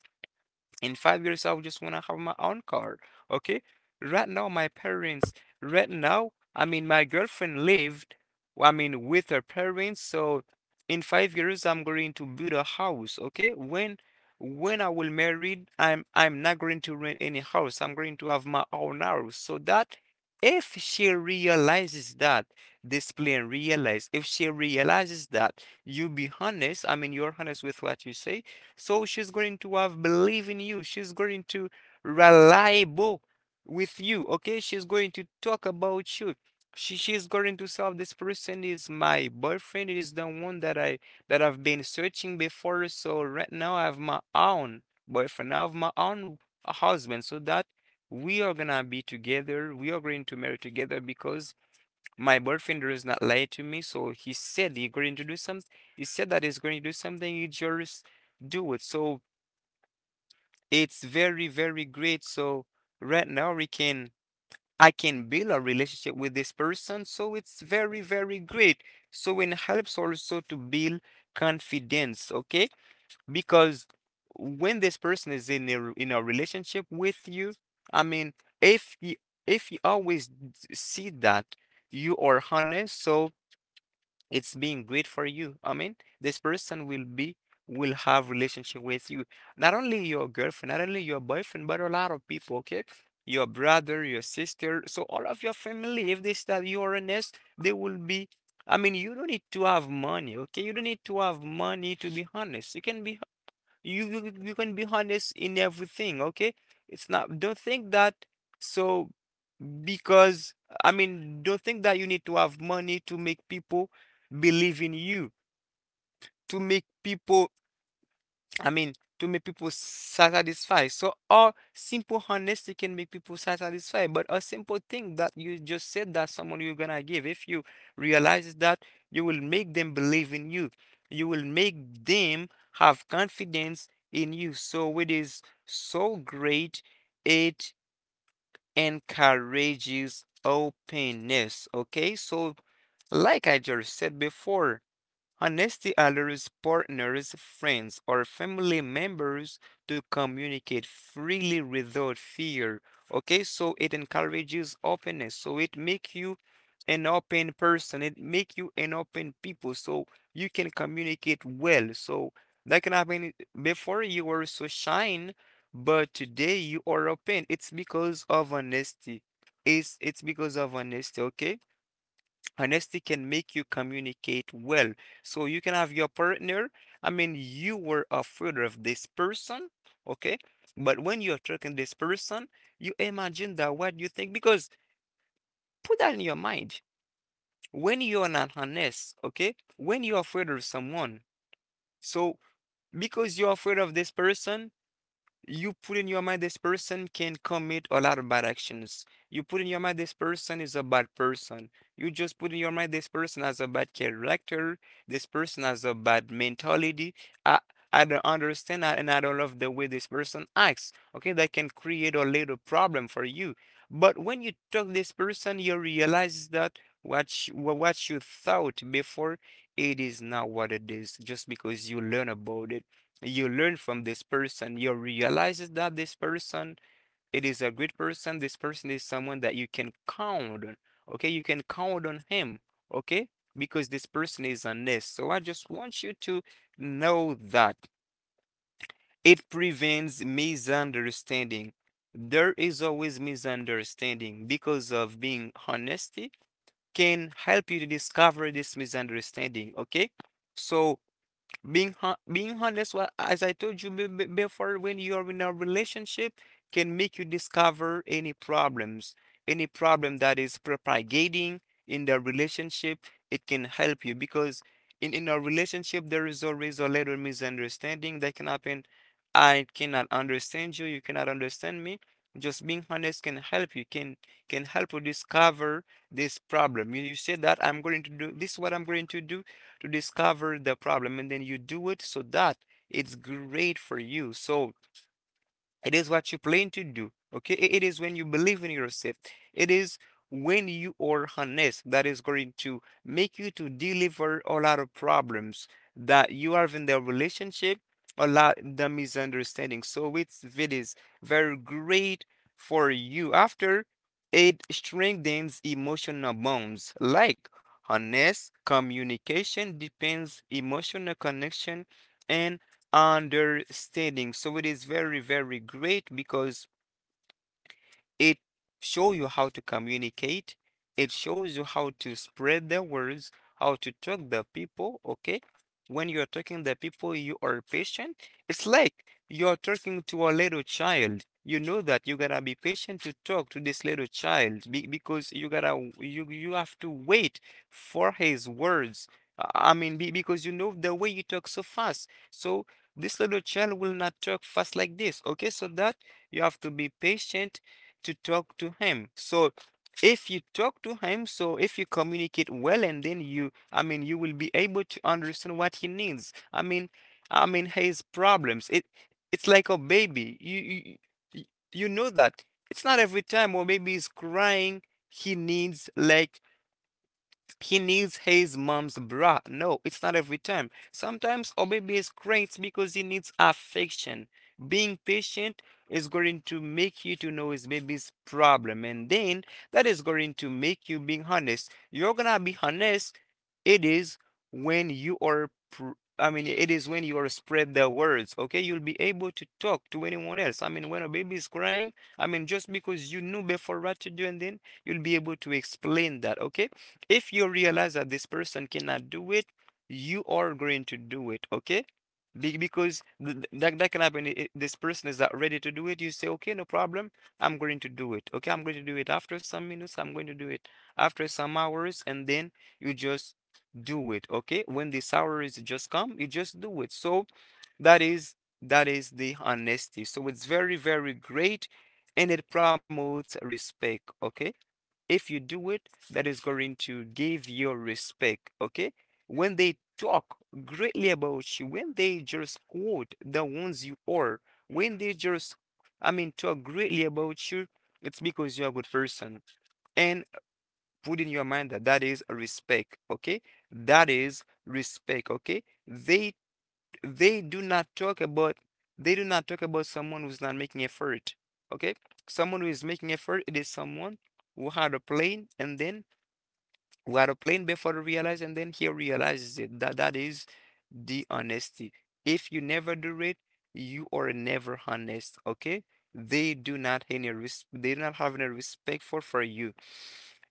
Speaker 3: In 5 years I just want to have my own car. Okay, right now my parents, right now, I mean my girlfriend lived, I mean with her parents. So in 5 years I'm going to build a house. Okay, when I will married, I'm not going to rent any house, I'm going to have my own house. So that if she realizes that this plan realize, if she realizes that you be honest, I mean you're honest with what you say, so she's going to have believe in you. She's going to reliable with you. Okay, she's going to talk about you. She's going to say this person is my boyfriend. It is the one that I've been searching before. So right now I have my own boyfriend. I have my own husband. So that we are gonna be together. We are going to marry together because my boyfriend does not lie to me, so he said he's going to do something. He said that he's going to do something. You just do it. So it's very great. So right now I can build a relationship with this person. So it's very great. So it helps also to build confidence. Okay, because when this person is in a relationship with you, I mean, if you if you always d- see that you are honest, so it's being great for you. I mean, this person will be, will have relationship with you. Not only your girlfriend, not only your boyfriend, but a lot of people, okay? Your brother, your sister, so all of your family, if they start you are honest, they will be, I mean, you don't need to have money, okay? You don't need to have money to be honest. You can be, you can be honest in everything, okay? It's not, don't think that, so, because, I mean, don't think that you need to have money to make people believe in you, to make people, I mean, to make people satisfied. So, or simple honesty can make people satisfied. But a simple thing that you just said that someone you're gonna give, if you realize that, you will make them believe in you. You will make them have confidence in you. So, it is so great. It encourages openness. Okay, so like I just said before. Honesty allows partners, friends, or family members to communicate freely without fear. Okay, so it encourages openness. So it makes you an open person. It makes you an open people. So you can communicate well. So that can happen before you were so shy, but today you are open. It's because of honesty. It's because of honesty. Okay. Honesty can make you communicate well. So you can have your partner. I mean, you were afraid of this person, okay? But when you're talking this person, you imagine that what you think, because put that in your mind. When you're not honest, okay? When you're afraid of someone, so because you're afraid of this person, you put in your mind this person can commit a lot of bad actions. You put in your mind this person is a bad person. You just put in your mind this person has a bad character. This person has a bad mentality. I I don't understand that, and I don't love the way this person acts. Okay, that can create a little problem for you. But when you talk this person, you realize that what you thought before, it is not what it is, just because you learn about it, you learn from this person. You realize that this person, it is a great person. This person is someone that you can count on. Okay, you can count on him. Okay, because this person is honest. So I just want you to know that it prevents misunderstanding. There is always misunderstanding because of being honesty, can help you to discover this misunderstanding, okay? So being honest, well, as I told you before, when you're in a relationship, can make you discover any problems, any problem that is propagating in the relationship. It can help you because in a relationship there is always a little misunderstanding that can happen. I cannot understand you, you cannot understand me. Just being honest can help you, can help you discover this problem. You say that I'm going to do this is what I'm going to do to discover the problem, and then you do it, so that it's great for you. So it is what you plan to do. Okay. It is when you believe in yourself. It is when you are honest that is going to make you to deliver a lot of problems that you have in the relationship, a lot the misunderstanding. So it is very great for you. After it strengthens emotional bonds, like honest communication depends emotional connection and understanding. So it is very, very great because it shows you how to communicate. It shows you how to spread the words, how to talk the people, okay? When you're talking the people, you are patient. It's like you're talking to a little child. You know that you gotta be patient to talk to this little child because you gotta, you have to wait for his words. Because you know the way you talk so fast. So this little child will not talk fast like this. Okay, so that you have to be patient to talk to him. So if you talk to him, so if you communicate well, and then you I mean you will be able to understand what he needs. I mean his problems. It, it's like a baby. You you know that. It's not every time or maybe he's crying, he needs like he needs his mom's bra. No, it's not every time. Sometimes our baby is great because he needs affection. Being patient is going to make you to know his baby's problem, and then that is going to make you being honest. You're gonna be honest. It is when you are, it is when you are spread the words, okay? You'll be able to talk to anyone else. I mean, when a baby is crying, I mean, just because you knew before what to do, and then you'll be able to explain that, okay? If you realize that this person cannot do it, you are going to do it, okay? Because that can happen. This person is not ready to do it. You say, okay, no problem. I'm going to do it. Okay, I'm going to do it after some minutes. I'm going to do it after some hours. And then you just do it, okay? When the salaries just come, you just do it. So that is, that is the honesty. So it's very, very great. And it promotes respect, okay? If you do it, that is going to give you respect, okay? When they talk greatly about you, when they just quote the ones you are, when they just, I mean, talk greatly about you, it's because you're a good person. And put in your mind that that is respect, okay? That is respect, okay? They do not talk about, they do not talk about someone who's not making effort, okay? Someone who is making effort, it is someone who had a plane, and then who had a plane before they realize, and then he realizes it, that that is the honesty. If you never do it, you are never honest, okay? They do not any they do not have any respect for you.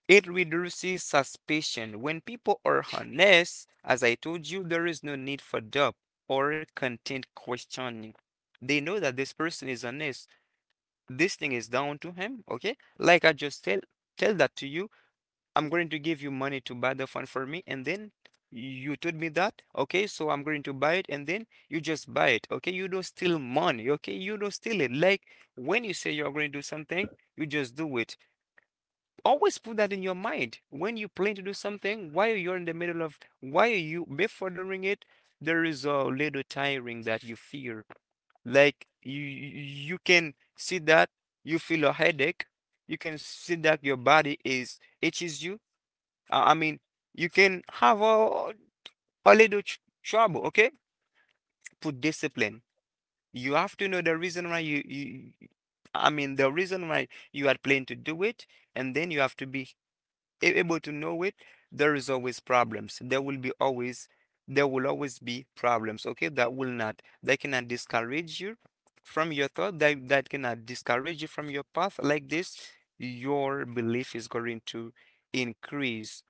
Speaker 3: It reduces suspicion. When people are honest, as I told you, there is no need for doubt or content questioning. They know that this person is honest. This thing is down to him, okay? Like I just tell that to you. I'm going to give you money to buy the phone for me, and then you told me that, okay? So I'm going to buy it, and then you just buy it, okay? You don't steal money, okay? You don't steal it. Like when you say you're going to do something, you just do it. Always put that in your mind. When you plan to do something, while you're in the middle of, while you before doing it, there is a little tiring that you feel, like you can see that you feel a headache, you can see that your body is itches you, I mean you can have a little trouble, okay? Put discipline. You have to know the reason why you, I mean the reason why you are planning to do it, and then you have to be able to know it. There is always problems. There will always be problems. Okay, that will not, they cannot discourage you from your thought. That cannot discourage you from your path. Like this, your belief is going to increase.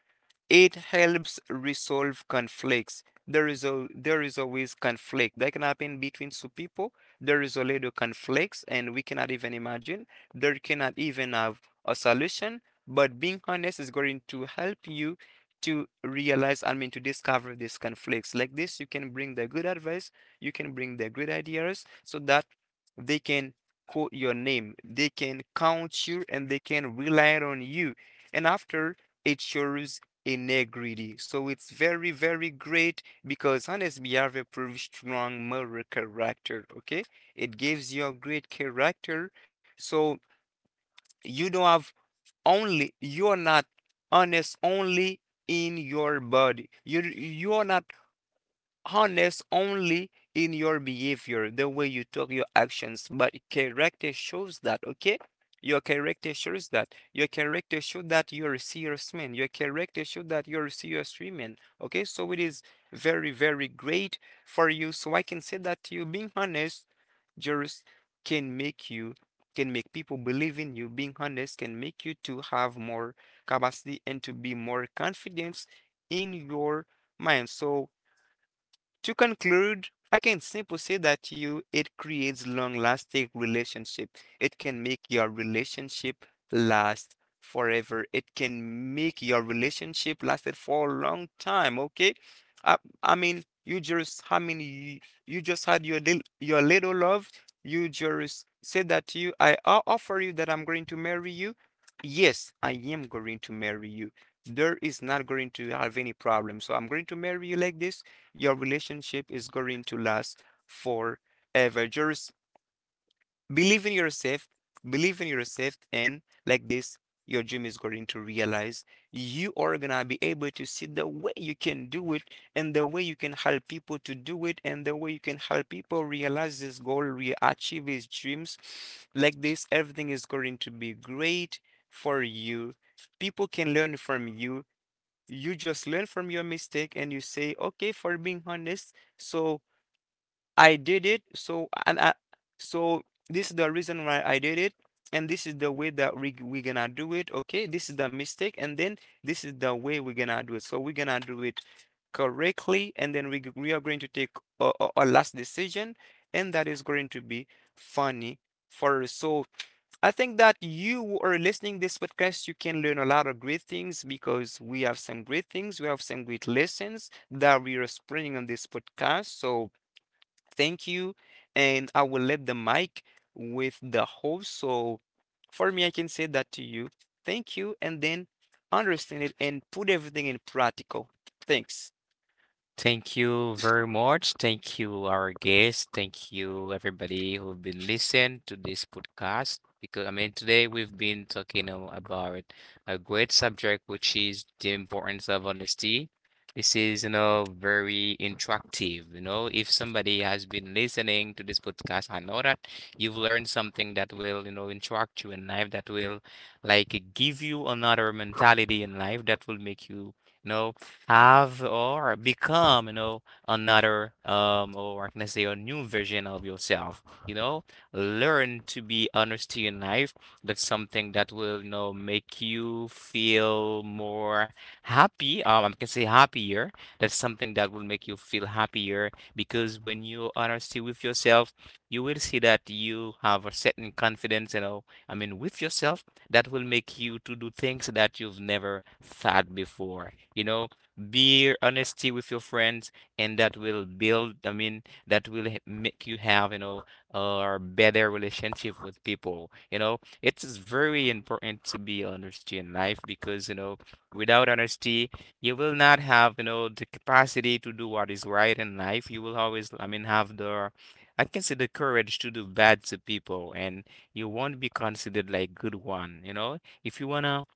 Speaker 3: It helps resolve conflicts. There is always conflict that can happen between two people. There is a lot of conflicts, and we cannot even imagine. There cannot even have a solution. But being honest is going to help you to realize, I mean, to discover these conflicts. Like this, you can bring the good advice, you can bring the great ideas, so that they can quote your name, they can count you, and they can rely on you. And after, it shows integrity. So it's very, very great because honest behavior proves strong moral character. Okay, it gives you a great character. So you don't have, only you're not honest only in your body. You, you're not honest only in your behavior, the way you talk, your actions, but character shows that, okay? Your character shows that. Your character shows that you're a serious man. Your character shows that you're a serious woman. Okay, so it is very, very great for you. So I can say that to you, being honest just can make you, can make people believe in you. Being honest can make you to have more capacity and to be more confident in your mind. So to conclude, I can simply say that you, it creates long-lasting relationship. It can make your relationship last forever. It can make your relationship lasted for a long time, okay? I, you just you just had your little love. You just said that to you, I offer you that I'm going to marry you. Yes, I am going to marry you. There is not going to have any problem. So I'm going to marry you. Like this, your relationship is going to last forever. Just believe in yourself, believe in yourself, and like this, your dream is going to realize. You are gonna be able to see the way you can do it, and the way you can help people to do it, and the way you can help people realize this goal, re achieve his dreams. Like this, everything is going to be great for you. People can learn from you. You just learn from your mistake and you say, okay, for being honest. So I did it, so so this is the reason why I did it, and this is the way that we're gonna do it. Okay, this is the mistake, and then this is the way we're gonna do it. So we're gonna do it correctly, and then we are going to take a last decision, and that is going to be funny for us. So I think that you who are listening this podcast, you can learn a lot of great things because we have some great things, we have some great lessons that we are spreading on this podcast. So thank you, and I will let the mic with the host. So for me, I can say that to you. Thank you, and then understand it and put everything in practical. Thanks.
Speaker 1: Thank you very much. Thank you, our guests. Thank you, everybody who've been listening to this podcast. Because I mean, today we've been talking about a great subject, which is the importance of honesty. This is, very interactive. You know, if somebody has been listening to this podcast, I know that you've learned something that will, interact you in life, that will, like, give you another mentality in life that will make you, you know have or become, another or I can say a new version of yourself. You know, learn to be honest to your life. That's something that will, make you feel more happy. I can say happier. That's something that will make you feel happier because when you honesty with yourself, you will see that you have a certain confidence, I mean, with yourself that will make you to do things that you've never thought before. You know, be honesty with your friends, and that will build, that will make you have, a better relationship with people. You know, it is very important to be honest in life because, without honesty, you will not have, the capacity to do what is right in life. You will always, I mean, have the, I can say the courage to do bad to people, and you won't be considered like good one, you know? If you wanna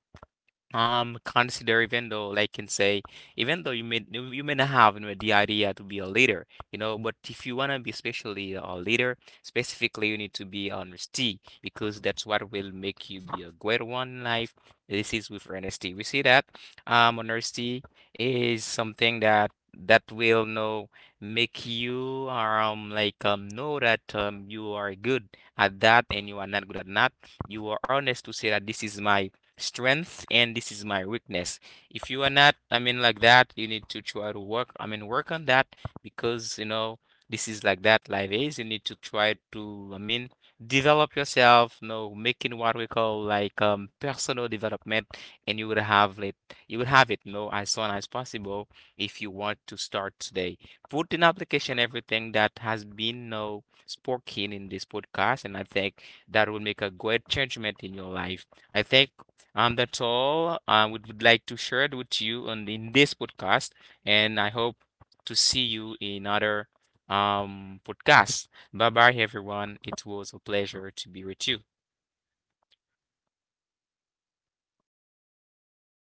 Speaker 1: consider even though, like can say, even though you may not have you know, the idea to be a leader, but if you wanna be especially a leader, specifically you need to be honesty because that's what will make you be a great one in life. This is with honesty. We see that honesty is something that will know make you like know that you are good at that and you are not good at that. You are honest to say that this is my strength and this is my weakness. If you are not, like that, you need to try to work, work on that because, this is like that life is. You need to try to, develop yourself, making what we call like personal development and you will have it, as soon as possible if you want to start today. Put in application everything that has been, spoken in this podcast and I think that will make a great changement in your life. I think that's all would like to share it with you on in this podcast, and I hope to see you in other podcast. Bye bye, everyone. It was a pleasure to be with you.